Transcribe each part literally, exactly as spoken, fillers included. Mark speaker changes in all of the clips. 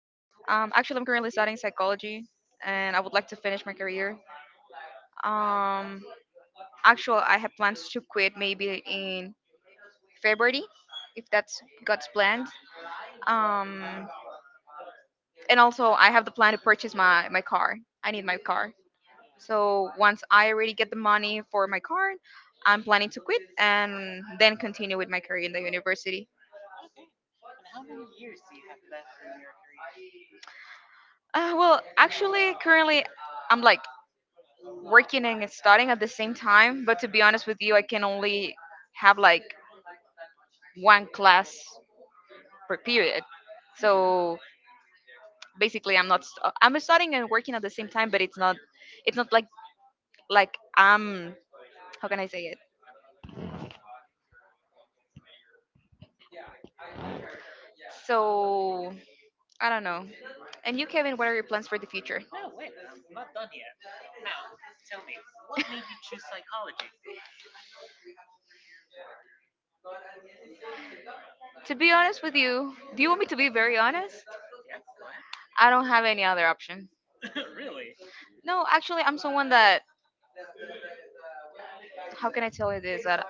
Speaker 1: Um, actually, I'm currently studying psychology, and I would like to finish my career. Um, Actually, I have plans to quit maybe in February, if that's God's plan. Um, and also, I have the plan to purchase my my car. I need my car. So once I already get the money for my card, I'm planning to quit and then continue with my career in the university. Uh, well, actually, currently I'm like working and studying at the same time. But to be honest with you, I can only have like one class per period. So basically, I'm not st- I'm studying and working at the same time, but it's not it's not like like I'm, how can I say it? So I don't know. And you, Kevin, what are your plans for the future? To be honest with you, do you want me to be very honest? I don't have any other option. No, actually, I'm someone that. How can I tell you this? That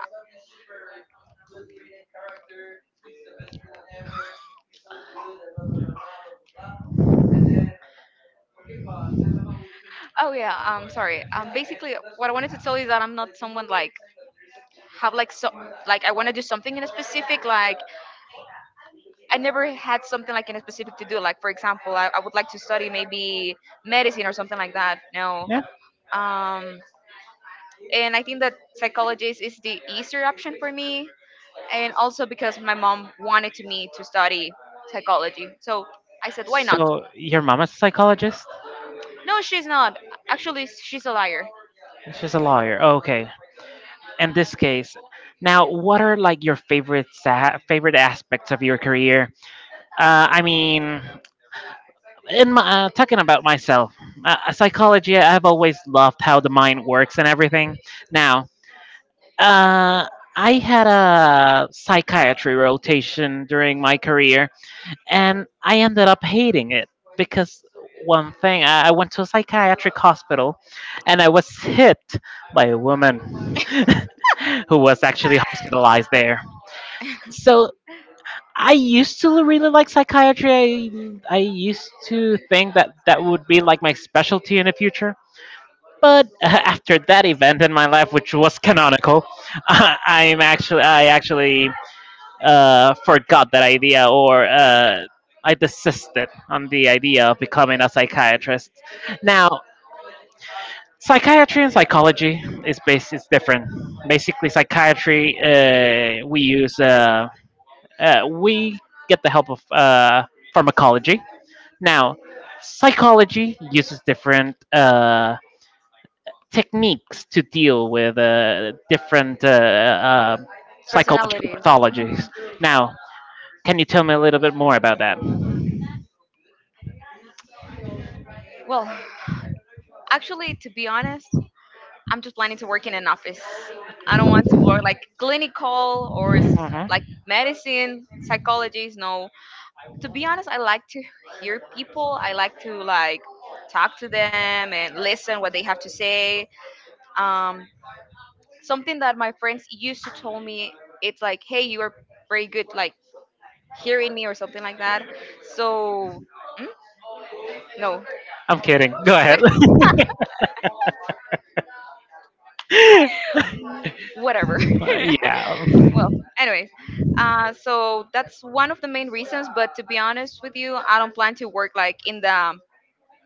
Speaker 1: Oh yeah, I'm sorry. Um, basically, what I wanted to tell you is that I'm not someone like have like so like I want to do something in a specific. Like I never had something like in a specific to do. Like, for example, I, I would like to study maybe medicine or something like that. No,
Speaker 2: Yeah.
Speaker 1: um, and I think that psychologist is the easier option for me, and also because my mom wanted to me to study psychology. So I said, why not?
Speaker 2: So your mom is a psychologist?
Speaker 1: No, she's not. Actually, she's a liar.
Speaker 2: She's a lawyer. Okay. In this case, now what are like your favorite sa- favorite aspects of your career? Uh, I mean, in my, uh, talking about myself, uh, uh, psychology, I've always loved how the mind works and everything. Now, uh, I had a psychiatry rotation during my career, and I ended up hating it because one thing, I I went to a psychiatric hospital, and I was hit by a woman who was actually hospitalized there. So I used to really like psychiatry. I, I used to think that that would be like my specialty in the future. But after that event in my life, which was canonical, I'm actually I actually uh, forgot that idea, or uh, I desisted on the idea of becoming a psychiatrist. Now, psychiatry and psychology is bas- is different. Basically, psychiatry, uh, we use. Um, uh, we get the help of uh, pharmacology. Now, psychology uses different uh, techniques to deal with uh, different uh, uh, psychological
Speaker 1: Personality. Mhm.
Speaker 2: pathologies. Now, can you tell me a little bit more about that?
Speaker 1: Well, actually, to be honest, I'm just planning to work in an office. I don't want to work like clinical or s-
Speaker 2: Mhm.
Speaker 1: like medicine, psychologies. No. To be honest, I like to hear people. I like to, like, talk to them and listen what they have to say. Um, Something that my friends used to tell me, it's like, hey, you are very good, like hearing me or something like that. So, mm? No,
Speaker 2: I'm kidding. Go ahead.
Speaker 1: whatever.
Speaker 2: Uh,
Speaker 1: Well, anyways, uh, so that's one of the main reasons. But to be honest with you, I don't plan to work like in the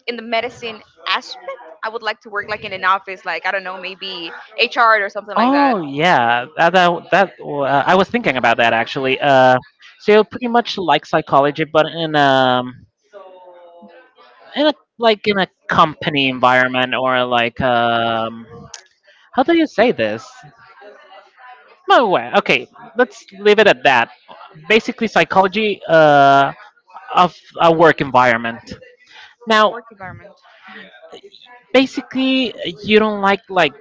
Speaker 1: in
Speaker 2: yeah.
Speaker 1: the medicine aspect. I would like to work like in an office, like I don't know, maybe H R or something like that.
Speaker 2: Oh yeah, that that, that uh, I was thinking about that actually. Uh, so pretty much like psychology, but in um in a, like in a company environment, or like, um how do you say this? No way. Okay, let's leave it at that. Basically, psychology uh of a work environment. Now,
Speaker 1: Work environment.
Speaker 2: basically, you don't like like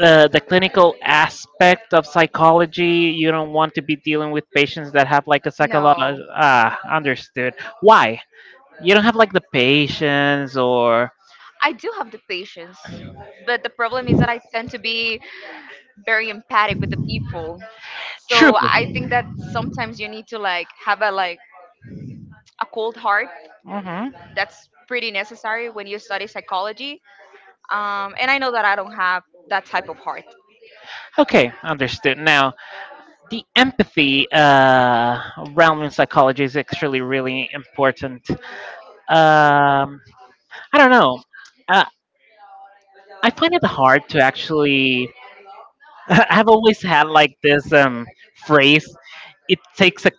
Speaker 2: uh, the clinical aspect of psychology. You don't want to be dealing with patients that have like a
Speaker 1: No,
Speaker 2: psychological, ah, understood. Why, you don't have like the patience, or
Speaker 1: I do have the patience, but the problem is that I tend to be very empathic with the people. So
Speaker 2: true,
Speaker 1: true. I think that sometimes you need to, like, have a, like, a cold heart.
Speaker 2: hmm,
Speaker 1: That's pretty necessary when you study psychology. Um, and I know that I don't have that type of heart.
Speaker 2: okay, understood. Now the empathy uh, realm in psychology is actually really important. um, I don't know, uh, I find it hard to actually, I've always had like this, um, phrase, it takes a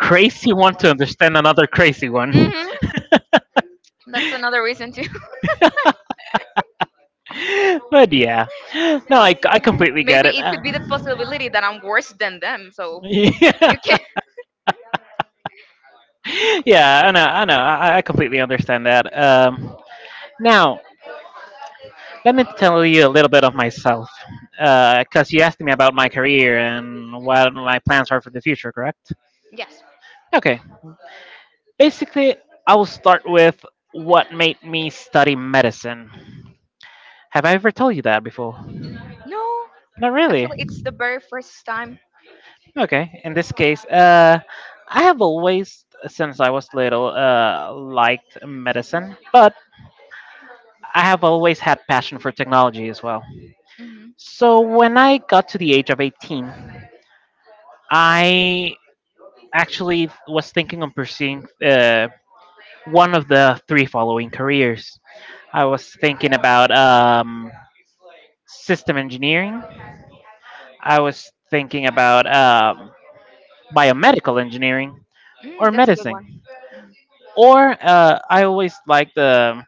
Speaker 2: crazy
Speaker 1: Hmm.
Speaker 2: one to understand another crazy one.
Speaker 1: That's another reason too.
Speaker 2: But yeah, no, I, I completely get
Speaker 1: Maybe
Speaker 2: it.
Speaker 1: it
Speaker 2: Uh,
Speaker 1: could be the possibility that I'm worse than them. So
Speaker 2: yeah,
Speaker 1: you can.
Speaker 2: yeah, I know, I know, I, I completely understand that. Um, now, let me tell you a little bit of myself, because you asked me about my career and what my plans are for the future, correct?
Speaker 1: Yes.
Speaker 2: Okay. Basically, I will start with what made me study medicine. Have I ever told you that before?
Speaker 1: No.
Speaker 2: Not really.
Speaker 1: Actually, it's the very first time.
Speaker 2: Okay, in this case, uh, I have always, since I was little, uh, liked medicine, but I have always had passion for technology as well.
Speaker 1: Hmm.
Speaker 2: So when I got to the age of eighteen, I actually was thinking of pursuing uh, one of the three following careers. I was thinking about, um, system engineering. I was thinking about, um, biomedical engineering,
Speaker 1: Mm,
Speaker 2: or
Speaker 1: that's a good
Speaker 2: medicine. Or uh, I always like the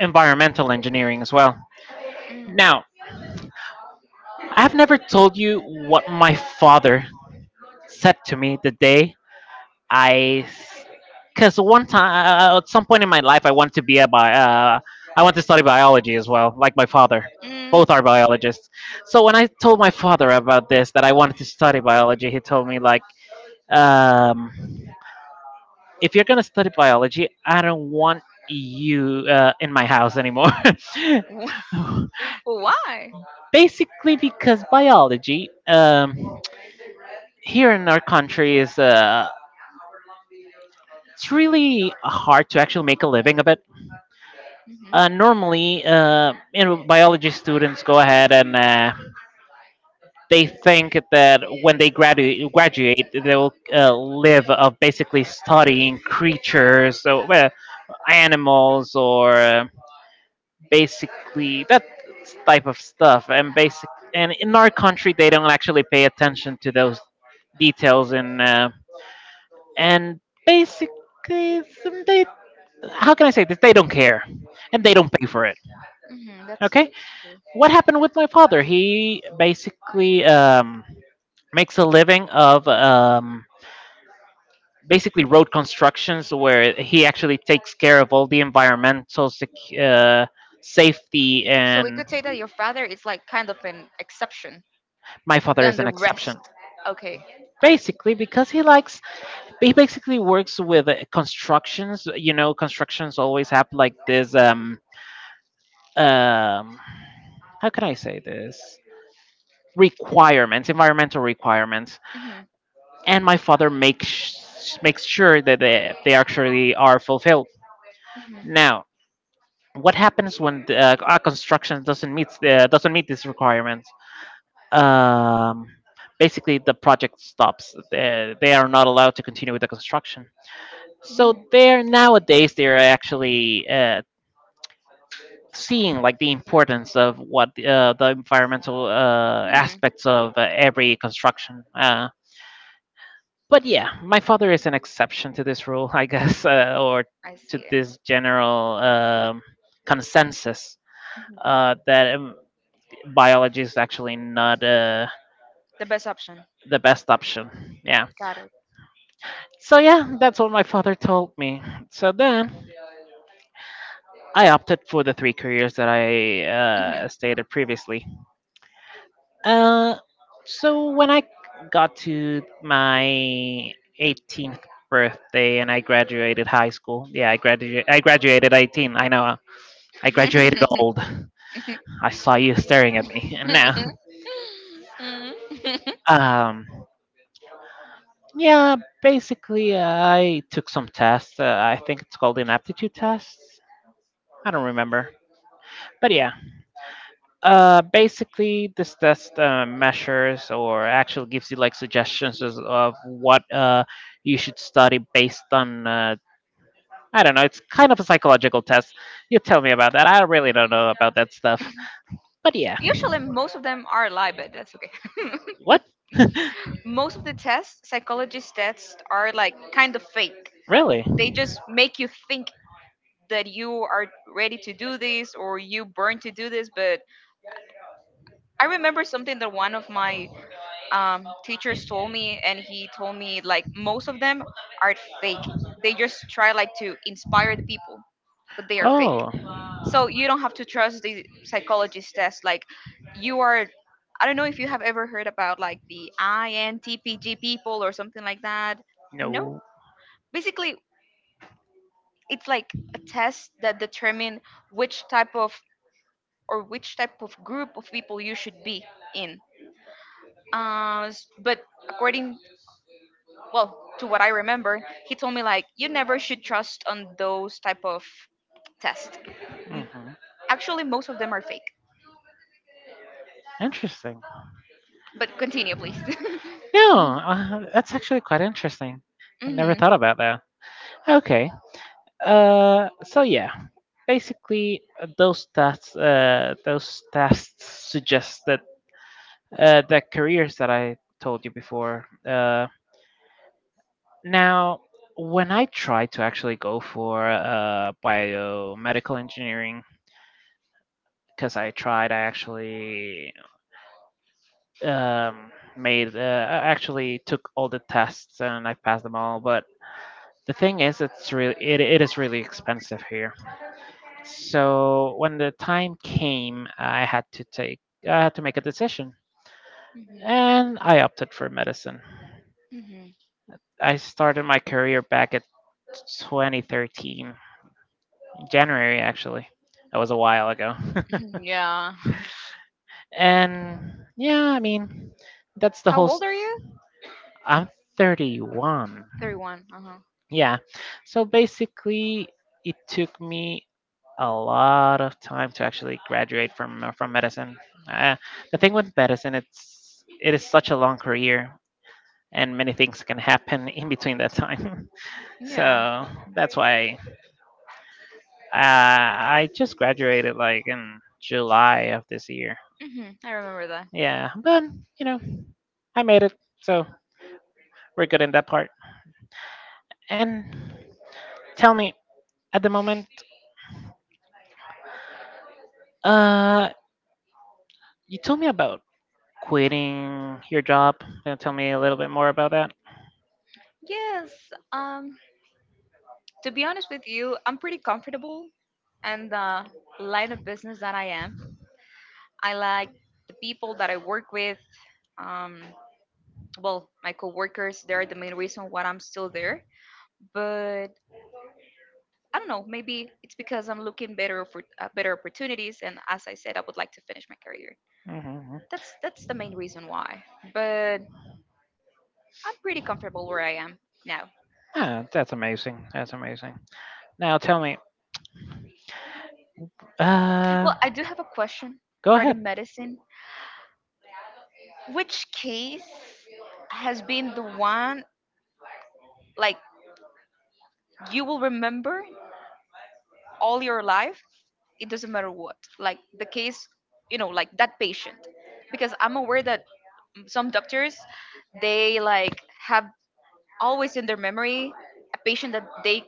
Speaker 2: environmental engineering as well.
Speaker 1: one.
Speaker 2: Now, I've never told you what my father said to me the day I. Because one time, uh, at some point in my life, I wanted to be a bi- uh, I want to study biology as well, like my father.
Speaker 1: Mm,
Speaker 2: Both are biologists. So when I told my father about this, that I wanted to study biology, he told me like, um, if you're going to study biology, I don't want you uh, in my house anymore.
Speaker 1: w- well, why?
Speaker 2: Basically, because biology, um, here in our country, is uh, it's really hard to actually make a living of it. Uh,
Speaker 1: Hmm.
Speaker 2: normally, uh, you know, biology students go ahead and uh, they think that when they gradu- graduate, they will uh, live of basically studying creatures, so, well, animals, or uh, basically that type of stuff. And basic, and in our country they don't actually pay attention to those details, and uh, and basically some- they, how can I say this, they don't care, and they don't pay for it.
Speaker 1: Hmm. That's
Speaker 2: Okay,
Speaker 1: that's true.
Speaker 2: what happened with my father, he basically, um, makes a living of, um, basically road constructions, where he actually takes care of all the environmental sec- uh, safety
Speaker 1: So we
Speaker 2: and.
Speaker 1: could say that your father is like kind of an exception
Speaker 2: My father
Speaker 1: than
Speaker 2: is
Speaker 1: the
Speaker 2: an
Speaker 1: rest.
Speaker 2: exception.
Speaker 1: Okay, I see.
Speaker 2: Basically, because he likes, he basically works with uh, constructions. You know, constructions always have like this. Um, um, how can I say this? Requirements, environmental requirements,
Speaker 1: Hmm.
Speaker 2: and my father makes makes sure that they, they actually are fulfilled.
Speaker 1: Hmm. I.
Speaker 2: Now, what happens when the, uh, a construction doesn't meet uh, doesn't meet these requirements? um, basically the project stops. They, they are not allowed to continue with the construction. So
Speaker 1: Hmm.
Speaker 2: they're nowadays they're actually uh, seeing like the importance of what uh, the environmental uh,
Speaker 1: Hmm.
Speaker 2: aspects of uh, every construction. Uh, but yeah, my father is an exception to this rule, I guess, uh, or
Speaker 1: I
Speaker 2: to
Speaker 1: see.
Speaker 2: this general, um, consensus,
Speaker 1: Mhm.
Speaker 2: uh, that um, biology is actually not uh,
Speaker 1: The best option.
Speaker 2: the best option. Yeah.
Speaker 1: Got it.
Speaker 2: So yeah, that's what my father told me. So then I opted for the three careers that I uh,
Speaker 1: Mhm.
Speaker 2: stated previously. Uh, so when I got to my eighteenth birthday and I graduated high school, yeah, I graduated. I graduated eighteen. I know. uh, I graduated old. I saw you staring at me, and now,
Speaker 1: Mhm.
Speaker 2: um, yeah, basically uh, I took some tests. Uh, I think it's called an aptitude test. I don't remember, but yeah. Uh, basically, this test uh, measures, or actually gives you like suggestions as- of what uh, you should study based on. Uh, I don't know. It's kind of a psychological test. You tell me about that. I really don't know about that stuff. But yeah.
Speaker 1: Usually, most of them are lie, but that's okay.
Speaker 2: What?
Speaker 1: Most of the tests, psychologist tests, are like kind of fake.
Speaker 2: Really?
Speaker 1: They just make you think that you are ready to do this or you burn to do this. But I remember something that one of my um, teachers told me, and he told me like most of them are fake. They just try like to inspire the people, but they are fake.
Speaker 2: Oh,
Speaker 1: So you don't have to trust the psychologist test. Like you are I don't know if you have ever heard about, like, the I N T P G people or something like that. No?
Speaker 2: no.
Speaker 1: Basically, it's like a test that determine which type of, or which type of group of people you should be in, uh, s- but according, well, to what I remember, he told me, like, you never should trust on those type of tests.
Speaker 2: Hmm.
Speaker 1: Actually, most of them are fake,
Speaker 2: Interesting.
Speaker 1: but continue, please.
Speaker 2: No, uh, that's actually quite interesting. I never
Speaker 1: Hmm.
Speaker 2: thought about that. Okay. Uh, so yeah. Basically, uh, those tests uh, those tests suggest that uh, the careers that I told you before. Uh, now, when I tried to actually go for uh, biomedical engineering, because I tried, I actually, um, made uh, I actually took all the tests and I passed them all. But the thing is, it's really, it, it is really expensive here. So when the time came, I had to take I had to make a decision, and I opted for medicine.
Speaker 1: Hmm.
Speaker 2: I started my career back at twenty thirteen, January actually. That was a while ago.
Speaker 1: Yeah.
Speaker 2: And yeah, I mean, that's the whole.
Speaker 1: How
Speaker 2: S
Speaker 1: old are you?
Speaker 2: I'm thirty-one.
Speaker 1: thirty-one. Uh-huh.
Speaker 2: Yeah. So basically, it took me a lot of time to actually graduate from uh, from medicine. Uh, the thing with medicine, it's it is such a long career, and many things can happen in between that time.
Speaker 1: Yeah.
Speaker 2: So that's why. Uh, I just graduated like in July of this year.
Speaker 1: Hmm. I remember that.
Speaker 2: Yeah, but you know, I made it, so we're good in that part. And tell me, at the moment, uh, you told me about quitting your job. Can you tell me a little bit more about that?
Speaker 1: Yes. Um. To be honest with you, I'm pretty comfortable and the line of business that I am. I like the people that I work with. Um, well, my coworkers, they're the main reason why I'm still there. But I don't know, maybe it's because I'm looking better for uh, better opportunities. And as I said, I would like to finish my career.
Speaker 2: Hmm.
Speaker 1: That's that's the main reason why. But I'm pretty comfortable where I am now.
Speaker 2: Ah, that's amazing. That's amazing. Now tell me, uh,
Speaker 1: Well, I do have a question
Speaker 2: go ahead.
Speaker 1: regarding medicine. Which case has been the one, like, you will remember all your life? It doesn't matter what, like the case, you know like that patient, because I'm aware that some doctors, they like have always in their memory a patient that they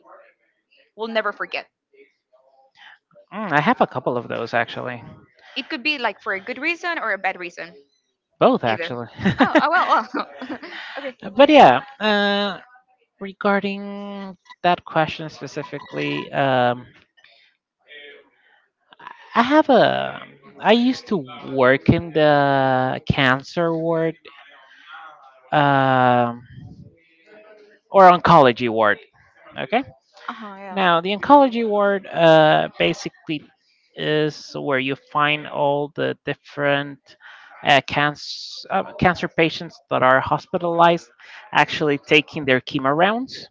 Speaker 1: will never forget.
Speaker 2: Mm, I have a couple of those actually.
Speaker 1: It could be like for a good reason or a bad reason.
Speaker 2: Both
Speaker 1: Either.
Speaker 2: actually.
Speaker 1: Oh, oh well, well. Okay.
Speaker 2: But yeah, uh, regarding that question specifically, um, I have a. I used to work in the cancer ward, um, or oncology ward. Okay.
Speaker 1: Uh-huh. Yeah.
Speaker 2: Now, the oncology ward, uh, basically is where you find all the different uh, cancer uh, cancer patients that are hospitalized, actually taking their chemo rounds.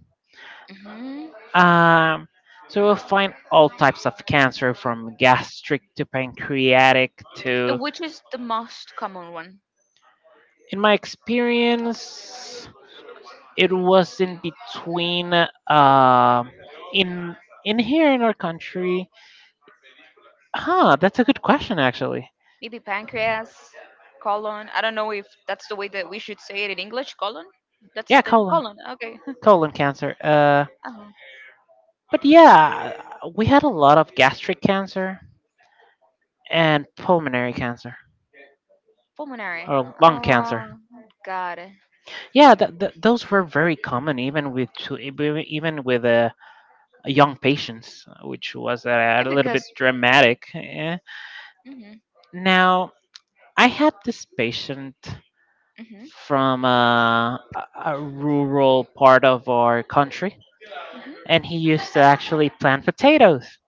Speaker 1: Hmm.
Speaker 2: Um, so we'll find all types of cancer, from gastric to pancreatic to,
Speaker 1: Which is the most common one?
Speaker 2: in my experience, it was in between, uh, in, in here in our country. Huh, that's a good question, actually.
Speaker 1: Maybe pancreas, colon. I don't know if that's the way that we should say it in English. Colon. That's
Speaker 2: Yeah,
Speaker 1: the
Speaker 2: colon,
Speaker 1: colon. Okay.
Speaker 2: colon cancer. Uh,
Speaker 1: Um,
Speaker 2: but yeah, we had a lot of gastric cancer and pulmonary cancer,
Speaker 1: Pulmonary.
Speaker 2: or lung cancer.
Speaker 1: Oh God. Eh,
Speaker 2: Yeah, th th those were very common, even with chil- even even with uh, young patients, uh, which was uh, a little bit
Speaker 1: Because.
Speaker 2: dramatic. Eh.
Speaker 1: Mhm.
Speaker 2: Now, I had this patient
Speaker 1: Mhm.
Speaker 2: from uh, a, a rural part of our country, and he
Speaker 1: Mhm.
Speaker 2: used to actually plant potatoes.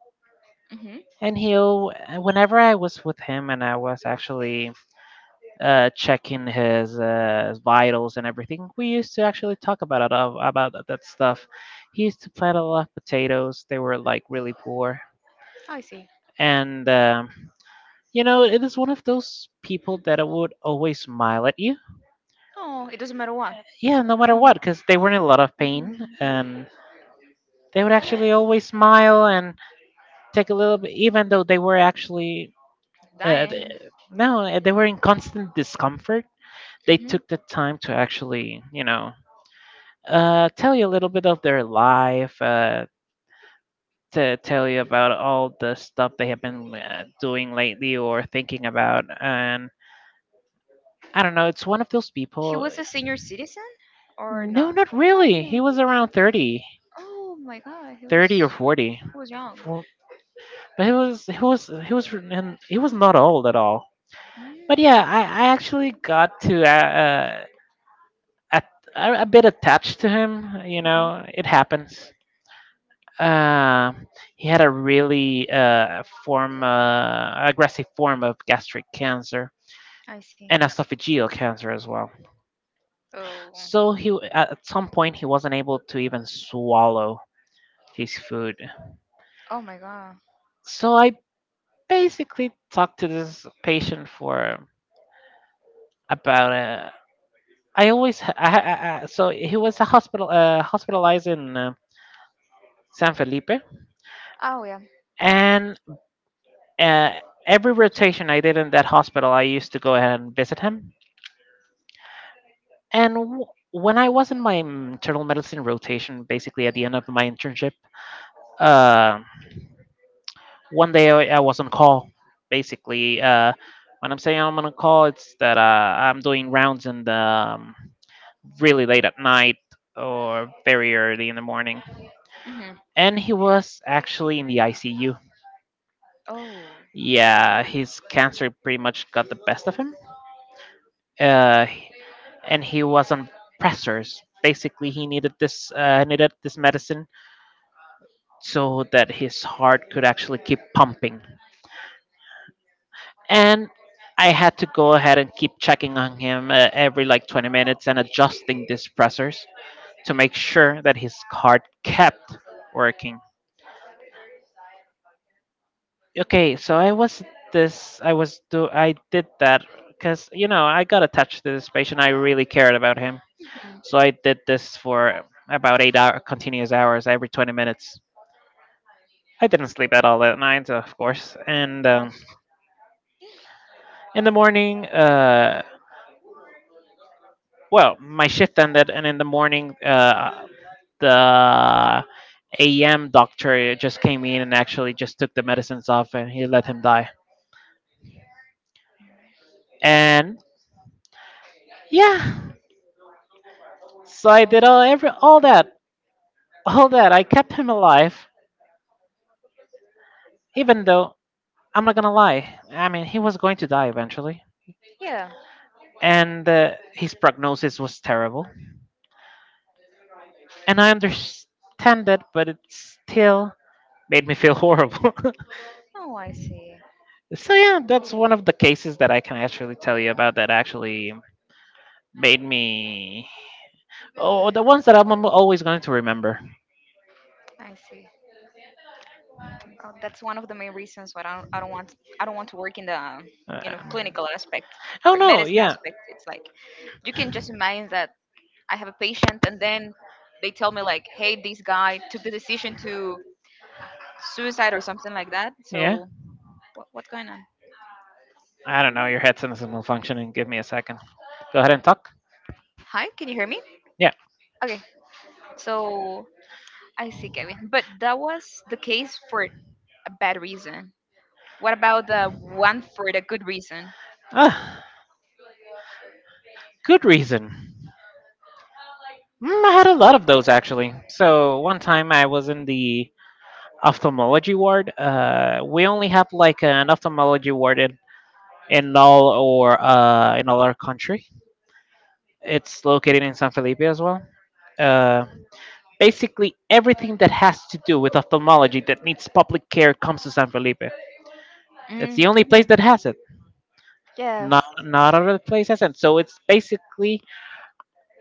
Speaker 1: Mhm.
Speaker 2: And he'll, whenever I was with him, and I was actually uh, checking his uh, vitals and everything. We used to actually talk about it, uh, about that stuff. He used to plant a lot of potatoes. They were like really poor,
Speaker 1: I see.
Speaker 2: and um, you know, it is one of those people that would always smile at you.
Speaker 1: Oh, it doesn't matter what.
Speaker 2: Yeah, no matter what,
Speaker 1: Mhm.
Speaker 2: because they were in a lot of pain,
Speaker 1: Mhm.
Speaker 2: and they would actually always smile and take a little bit, even though they were actually. Uh, th-
Speaker 1: Dying.
Speaker 2: no, they were in constant discomfort. They
Speaker 1: Mhm.
Speaker 2: took the time to actually, you know, uh, tell you a little bit of their life, uh, to tell you about all the stuff they have been uh, doing lately, or thinking about. And I don't know, it's one of those
Speaker 1: He
Speaker 2: people.
Speaker 1: was a senior citizen or
Speaker 2: No,
Speaker 1: not?
Speaker 2: not
Speaker 1: No,
Speaker 2: really. He
Speaker 1: no.
Speaker 2: was around thirty,
Speaker 1: Oh my God, he was
Speaker 2: thirty or forty.
Speaker 1: he was young.
Speaker 2: For- But he was he was he was, and he was not old at all.
Speaker 1: Mm.
Speaker 2: But yeah, I, I actually got to, uh, uh, at, a a bit attached to him. You
Speaker 1: Hmm.
Speaker 2: know, it happens. uh, he had a really uh, form uh, aggressive form of gastric cancer
Speaker 1: I see.
Speaker 2: and esophageal cancer as well.
Speaker 1: Oh.
Speaker 2: So he at some point he wasn't able to even swallow his food.
Speaker 1: Oh my god.
Speaker 2: So I basically talked to this patient for about uh, I always ha- I, I, I, so he was a hospital uh, hospitalized in uh, San Felipe,
Speaker 1: Oh yeah.
Speaker 2: and uh, every rotation I did in that hospital I used to go ahead and visit him. And w- when I was in my mm, internal medicine rotation, basically at the end of my internship, uh, one day I, I was on call. Basically, uh, when I'm saying I'm on call, it's that uh, I'm doing rounds in the um, really late at night or very early in the morning.
Speaker 1: Hmm.
Speaker 2: And he was actually in the I C U.
Speaker 1: Oh.
Speaker 2: Yeah, his cancer pretty much got the best of him. Uh, and he was on pressors. Basically, he needed this uh, needed this medicine so that his heart could actually keep pumping. And I had to go ahead and keep checking on him uh, every like twenty minutes and adjusting these pressors to make sure that his heart kept working. Okay, so I was this I was do I did that cuz you know, I got attached to this patient. I really cared about him. So I did this for about eight hour continuous hours every twenty minutes. I didn't sleep at all at night, of course. And
Speaker 1: Oh.
Speaker 2: um, In the morning, uh, well, my shift ended, and in the morning, uh, the A M doctor just came in and actually just took the medicines off, and he let him die. And yeah, so I
Speaker 1: Oh.
Speaker 2: did all
Speaker 1: Right.
Speaker 2: every all that, all that, I kept him alive, even though, I'm not gonna lie, I mean, he was going to die eventually,
Speaker 1: Yeah.
Speaker 2: and uh, his prognosis was terrible. And I understand it, but it still made me feel horrible.
Speaker 1: Oh, I see.
Speaker 2: So yeah, that's one of the cases that I can actually tell you about that actually made me. Oh, the ones that I'm al- always going to remember.
Speaker 1: I see. Oh, that's one of the main reasons why I don't, I don't want I don't want to work in the, you know
Speaker 2: Um,
Speaker 1: clinical aspect. Oh,
Speaker 2: oh
Speaker 1: or no,
Speaker 2: no,
Speaker 1: medicine
Speaker 2: yeah,
Speaker 1: aspect. It's like you can just imagine that I have a patient and then they tell me like, hey, this guy took the decision to suicide or something like that.
Speaker 2: yeah.
Speaker 1: So what, what's going on?
Speaker 2: I don't know. Your headset is malfunctioning. Give me a second. Go ahead and talk.
Speaker 1: Hi, can you hear me?
Speaker 2: Yeah.
Speaker 1: Okay, so I see, Kevin. But that was the case for a bad reason. What about the one for the good reason?
Speaker 2: Ah, good reason. Mm, I had a lot of those actually. So one time I was in the ophthalmology ward. Uh, we only have like an ophthalmology ward in in all or uh, in all our country. It's located in San Felipe as well. Uh, basically, everything that has to do with ophthalmology that needs public care comes to San Felipe. It's
Speaker 1: Mm,
Speaker 2: the only
Speaker 1: yeah.
Speaker 2: place that has it.
Speaker 1: Yes.
Speaker 2: Not not other place has it. So it's basically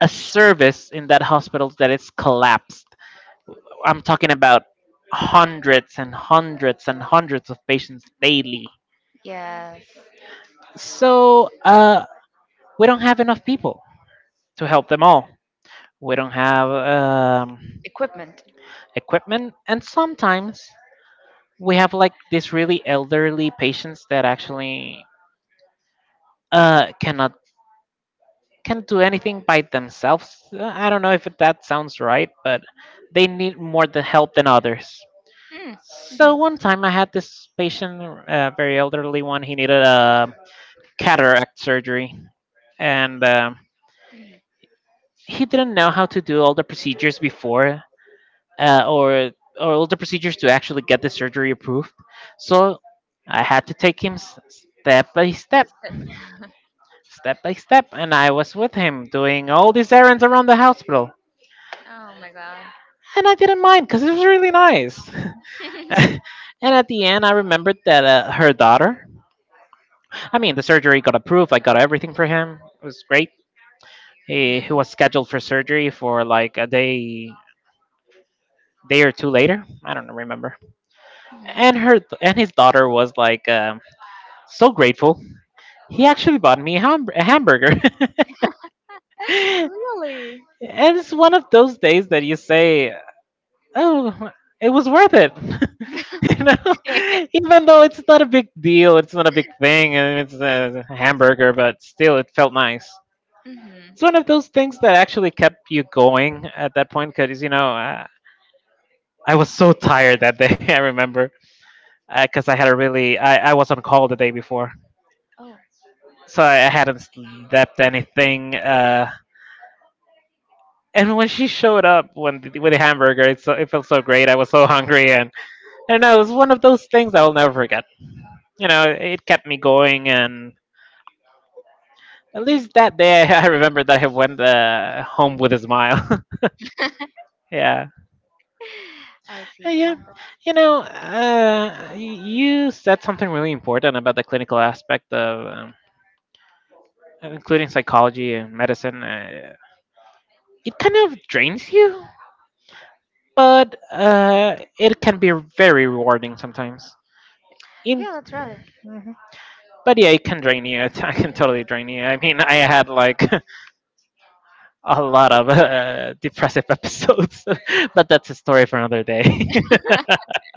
Speaker 2: a service in that hospital that is collapsed. I'm talking about hundreds and hundreds and hundreds of patients daily.
Speaker 1: Yes.
Speaker 2: So uh, we don't have enough people to help them all. We don't have um,
Speaker 1: Equipment.
Speaker 2: equipment. And sometimes we have like these really elderly patients that actually uh, cannot can do anything by themselves. Uh, I don't know if that sounds right, but they need more the help than others.
Speaker 1: Mm.
Speaker 2: So one
Speaker 1: Mhm,
Speaker 2: time I had this patient, uh, very elderly one. He needed a cataract surgery, and um
Speaker 1: mhm.
Speaker 2: he didn't know how to do all the procedures before, uh, or or all the procedures to actually get the surgery approved. So I had to take him s- step by step, step by step, and I was with him doing all these errands around the hospital,
Speaker 1: Oh my god.
Speaker 2: and I didn't mind because it was really nice. And at the end, I remembered that uh, her daughter. I mean, the surgery got approved. I got everything for him. It was great. He, he
Speaker 1: Mhm,
Speaker 2: was scheduled for surgery for like a day day or two later. I don't remember. And her
Speaker 1: mhm.
Speaker 2: and his daughter was like um so grateful. He actually bought me a, ham- a hamburger. And
Speaker 1: Really?
Speaker 2: it's one of those days that you say, oh, it was worth it. You know, even though it's not a big deal, it's not a big thing, and it's a hamburger, but still, it felt nice.
Speaker 1: Mhm.
Speaker 2: It's one of those things that actually kept you going at that point because you know I, I was so tired that day. I remember because I had a really I, I was on call the day before,
Speaker 1: Oh.
Speaker 2: so I, I hadn't slept anything. Uh, And when she showed up when th- with the hamburger, it so it felt so great. I was so hungry, and I don't know, it was one of those things I will never forget. You know, it kept me going, and at
Speaker 1: Mhm.
Speaker 2: least that day I remembered that I went uh, home with a smile. Yeah.
Speaker 1: I
Speaker 2: Uh,
Speaker 1: see.
Speaker 2: yeah.
Speaker 1: Well, that-
Speaker 2: You know, uh, y- you said something really important about the clinical aspect of um, including psychology and medicine. Uh, it kind of drains you, but uh, it can be very rewarding sometimes in,
Speaker 1: yeah, that's right.
Speaker 2: but yeah, it can drain you. It I can totally drain you. I mean, I had like a lot of uh, depressive episodes, but that's a story for another day.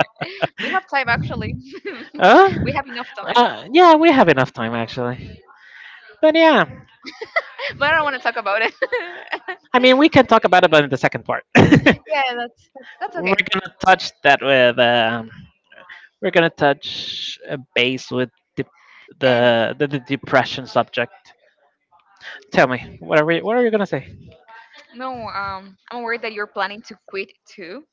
Speaker 1: We have time actually.
Speaker 2: uh,
Speaker 1: We have enough time,
Speaker 2: uh, yeah, we have enough time actually. But yeah,
Speaker 1: but I don't want to talk about it.
Speaker 2: I mean, we can talk about it, but in the second part, we're
Speaker 1: Yeah, that's that's, that's okay.
Speaker 2: gonna touch that with um, we're gonna touch a base with dep
Speaker 1: And
Speaker 2: the, the the depression subject. Tell me, what are we what are you gonna say?
Speaker 1: no, um, I'm aware that you're planning to quit too.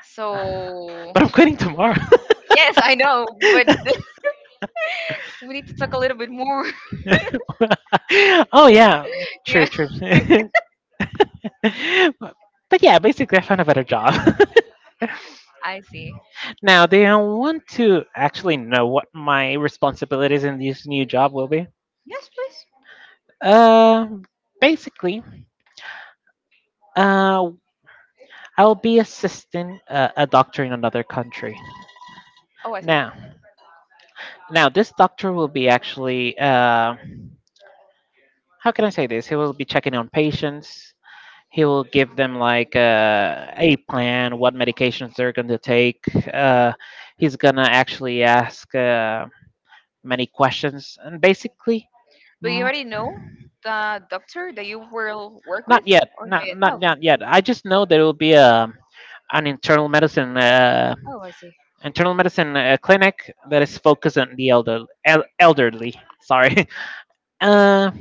Speaker 1: So
Speaker 2: But I'm quitting tomorrow.
Speaker 1: yes, I know, but we need to talk a little bit more.
Speaker 2: Oh yeah, true,
Speaker 1: Yeah,
Speaker 2: true. but, but yeah, basically, I found a better job.
Speaker 1: I see.
Speaker 2: Now, do you want to actually know what my responsibilities in this new job will be?
Speaker 1: Yes, please.
Speaker 2: Uh, basically, uh, I'll be assisting uh, a doctor in another country.
Speaker 1: Oh, I see.
Speaker 2: Now, now this doctor will be actually uh, how can I say this? He will be checking on patients. He will give them like uh, a plan, what medications they're going to take. Uh, he's going to actually ask uh, many questions. And basically,
Speaker 1: But you
Speaker 2: m-
Speaker 1: already know the doctor that you will work with,
Speaker 2: not yet,
Speaker 1: or not
Speaker 2: not,
Speaker 1: yet? Oh,
Speaker 2: not
Speaker 1: okay.
Speaker 2: not yet. I just know there will be a an internal medicine uh,
Speaker 1: Oh, I see.
Speaker 2: internal medicine uh, clinic that is focused on the elder el- elderly. Sorry. Uh,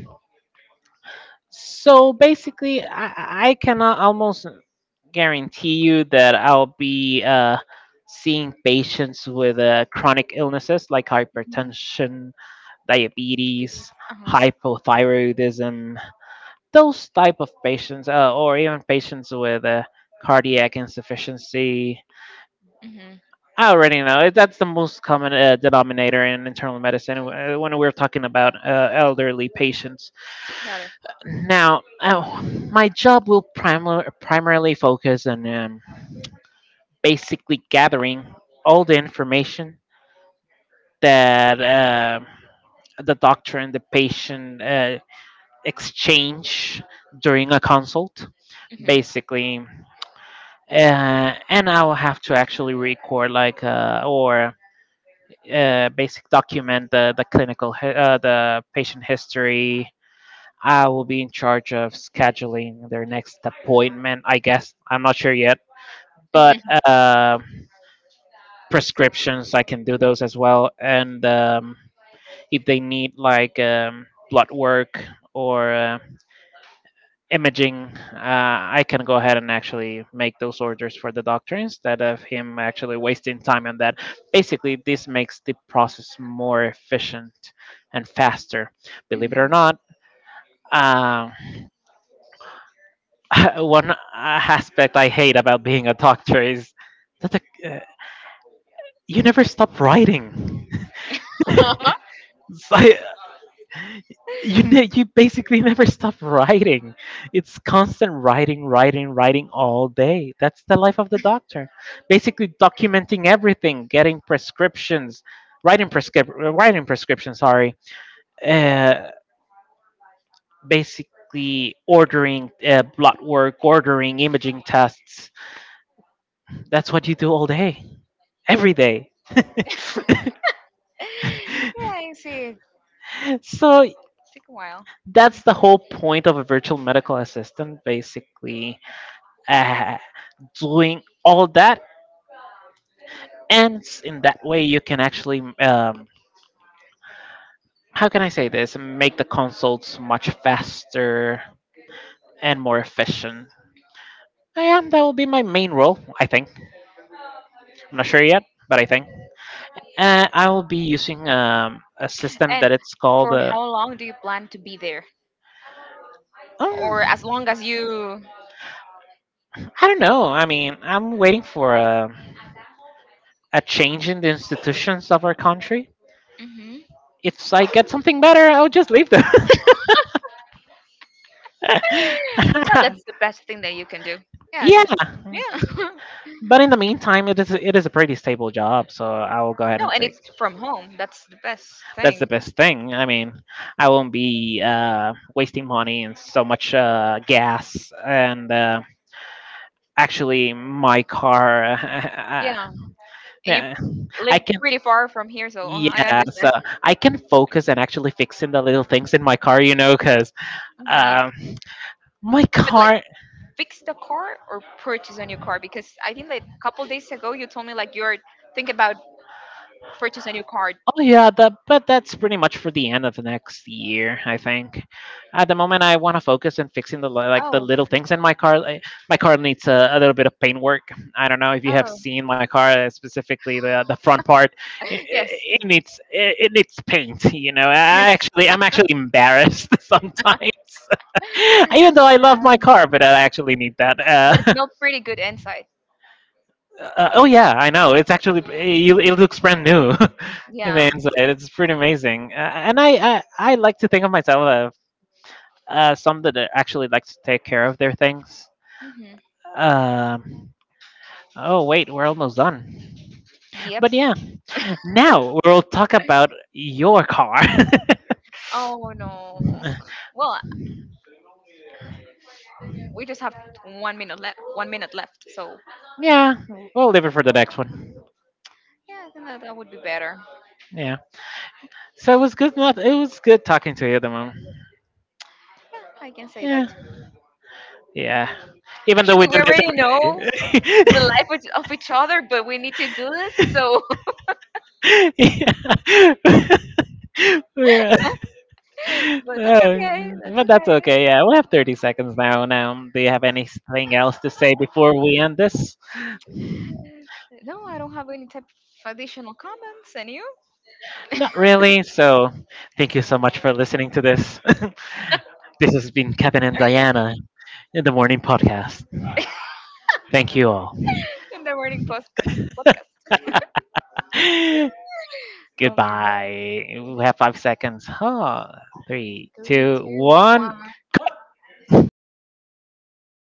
Speaker 2: so basically, I, I cannot almost guarantee you that I'll be uh, seeing patients with uh, chronic illnesses like
Speaker 1: Mhm.
Speaker 2: hypertension,
Speaker 1: This-
Speaker 2: diabetes,
Speaker 1: Uh-huh.
Speaker 2: hypothyroidism, those type of patients, uh, or even patients with uh, cardiac insufficiency.
Speaker 1: Mm-hmm.
Speaker 2: I already know it- that's the most common uh, denominator in internal medicine uh, when we're talking about uh, elderly patients. Now, oh, my job will primar- primarily focus on um, basically gathering all the information that um the doctor and the patient uh, exchange during a consult,
Speaker 1: Mhm.
Speaker 2: basically. Uh, and I will have to actually record, like, uh, or uh, basic document the, the clinical, hi- uh, the patient history. I will be in charge of scheduling their next appointment, I guess. I'm not sure yet. But um prescriptions, I can do those as well. And um, if they need like um, blood work or uh, imaging, uh, I can go ahead and actually make those orders for the doctor instead of him actually wasting time on that. Basically, this makes the process more efficient and faster. Believe it or not. Um, One uh, aspect I hate about being a doctor is that the, uh, you never stop writing.
Speaker 1: Yeah,
Speaker 2: So I, you ne- you basically never stop writing. It's constant writing, writing, writing all day. That's the life of the doctor. Basically documenting everything, getting prescriptions, writing prescrip uh, writing prescriptions. Sorry. Uh, basically ordering uh, blood work, ordering imaging tests. That's what you do all day, every day.
Speaker 1: I see. It
Speaker 2: So
Speaker 1: took a while.
Speaker 2: that's the whole point of a virtual medical assistant, basically uh, doing all that, and s- in that way you can actually, um, how can I say this, make the consults much faster and more efficient. I am. That will be my main role, I think. I'm not sure yet, but I think. Uh, I will be using um, a system
Speaker 1: And
Speaker 2: that it's called.
Speaker 1: for
Speaker 2: Uh,
Speaker 1: how long do you plan to be there?
Speaker 2: um,
Speaker 1: Or as long as you.
Speaker 2: I don't know. I mean, I'm waiting for a, a change in the institutions of our country.
Speaker 1: Hmm.
Speaker 2: If I get something better, I'll just leave them.
Speaker 1: No, that's the best thing that you can do. Yeah, yeah.
Speaker 2: Yeah,
Speaker 1: Just yeah.
Speaker 2: but in the meantime, it is it is a pretty stable job, so I will go ahead
Speaker 1: No,
Speaker 2: and
Speaker 1: and
Speaker 2: take.
Speaker 1: it's from home. That's the best
Speaker 2: That's the
Speaker 1: thing.
Speaker 2: best thing. I mean, I won't be uh, wasting money and so much uh, gas. And uh, actually, my car,
Speaker 1: Yeah, and you
Speaker 2: yeah, I
Speaker 1: live
Speaker 2: can.
Speaker 1: pretty far from here, so uh, I, yeah,
Speaker 2: Yeah,
Speaker 1: understand.
Speaker 2: so I can focus and actually fixing the little things in my car, you know, because
Speaker 1: Hmm.
Speaker 2: um, my
Speaker 1: But like,
Speaker 2: car.
Speaker 1: fix the car or purchase a new car, because I think like a couple days ago you told me like you're thinking about purchase a new car.
Speaker 2: Oh yeah, that but that's pretty much for the end of the next year, I think. At the moment, I want to focus on fixing the li- like the
Speaker 1: Oh,
Speaker 2: little things in my car. Like, my car needs a, a little bit of paint work. I don't know if you have
Speaker 1: oh,
Speaker 2: seen my car, uh, specifically the the front part. It,
Speaker 1: yes.
Speaker 2: it needs it, it needs paint. You know, I actually I'm actually embarrassed sometimes, even though I love my
Speaker 1: Yeah,
Speaker 2: car, but I actually need that.
Speaker 1: but it's
Speaker 2: Uh,
Speaker 1: no pretty good insight.
Speaker 2: Uh, oh yeah, I know. It's actually it, it looks brand new in the
Speaker 1: Yeah.
Speaker 2: inside. It's pretty amazing. Uh, and I, I I like to think of myself as uh, some that actually like to take care of their things.
Speaker 1: Hmm.
Speaker 2: Um. Oh wait, we're almost done.
Speaker 1: Yep.
Speaker 2: But yeah, now we'll talk about your car.
Speaker 1: Oh no. Well, we just have one minute left. One minute left. So
Speaker 2: Yeah, we'll leave it for the next one.
Speaker 1: yeah, I think that, that would be better.
Speaker 2: Yeah. So it was good. Not it was good talking to you at the moment.
Speaker 1: Yeah, I can say
Speaker 2: Yeah.
Speaker 1: that.
Speaker 2: Yeah. Even though
Speaker 1: Actually,
Speaker 2: we
Speaker 1: we
Speaker 2: do this
Speaker 1: already
Speaker 2: every
Speaker 1: know
Speaker 2: day.
Speaker 1: the life of of each other, but we need to do this. So,
Speaker 2: Yeah. We're,
Speaker 1: but that's
Speaker 2: uh,
Speaker 1: okay. That's
Speaker 2: but
Speaker 1: okay.
Speaker 2: that's okay. Yeah, we have thirty seconds now. Now, do you have anything else to say before we end this?
Speaker 1: No, I don't have any type of additional comments. And you?
Speaker 2: Not really. So, thank you so much for listening to this. This has been Kevin and Diana in the Morning Podcast. Thank you all.
Speaker 1: In the morning post podcast. Oh my god.
Speaker 2: Goodbye. We have five seconds. Huh. Three,
Speaker 1: Three,
Speaker 2: two,
Speaker 1: two, one.
Speaker 2: one.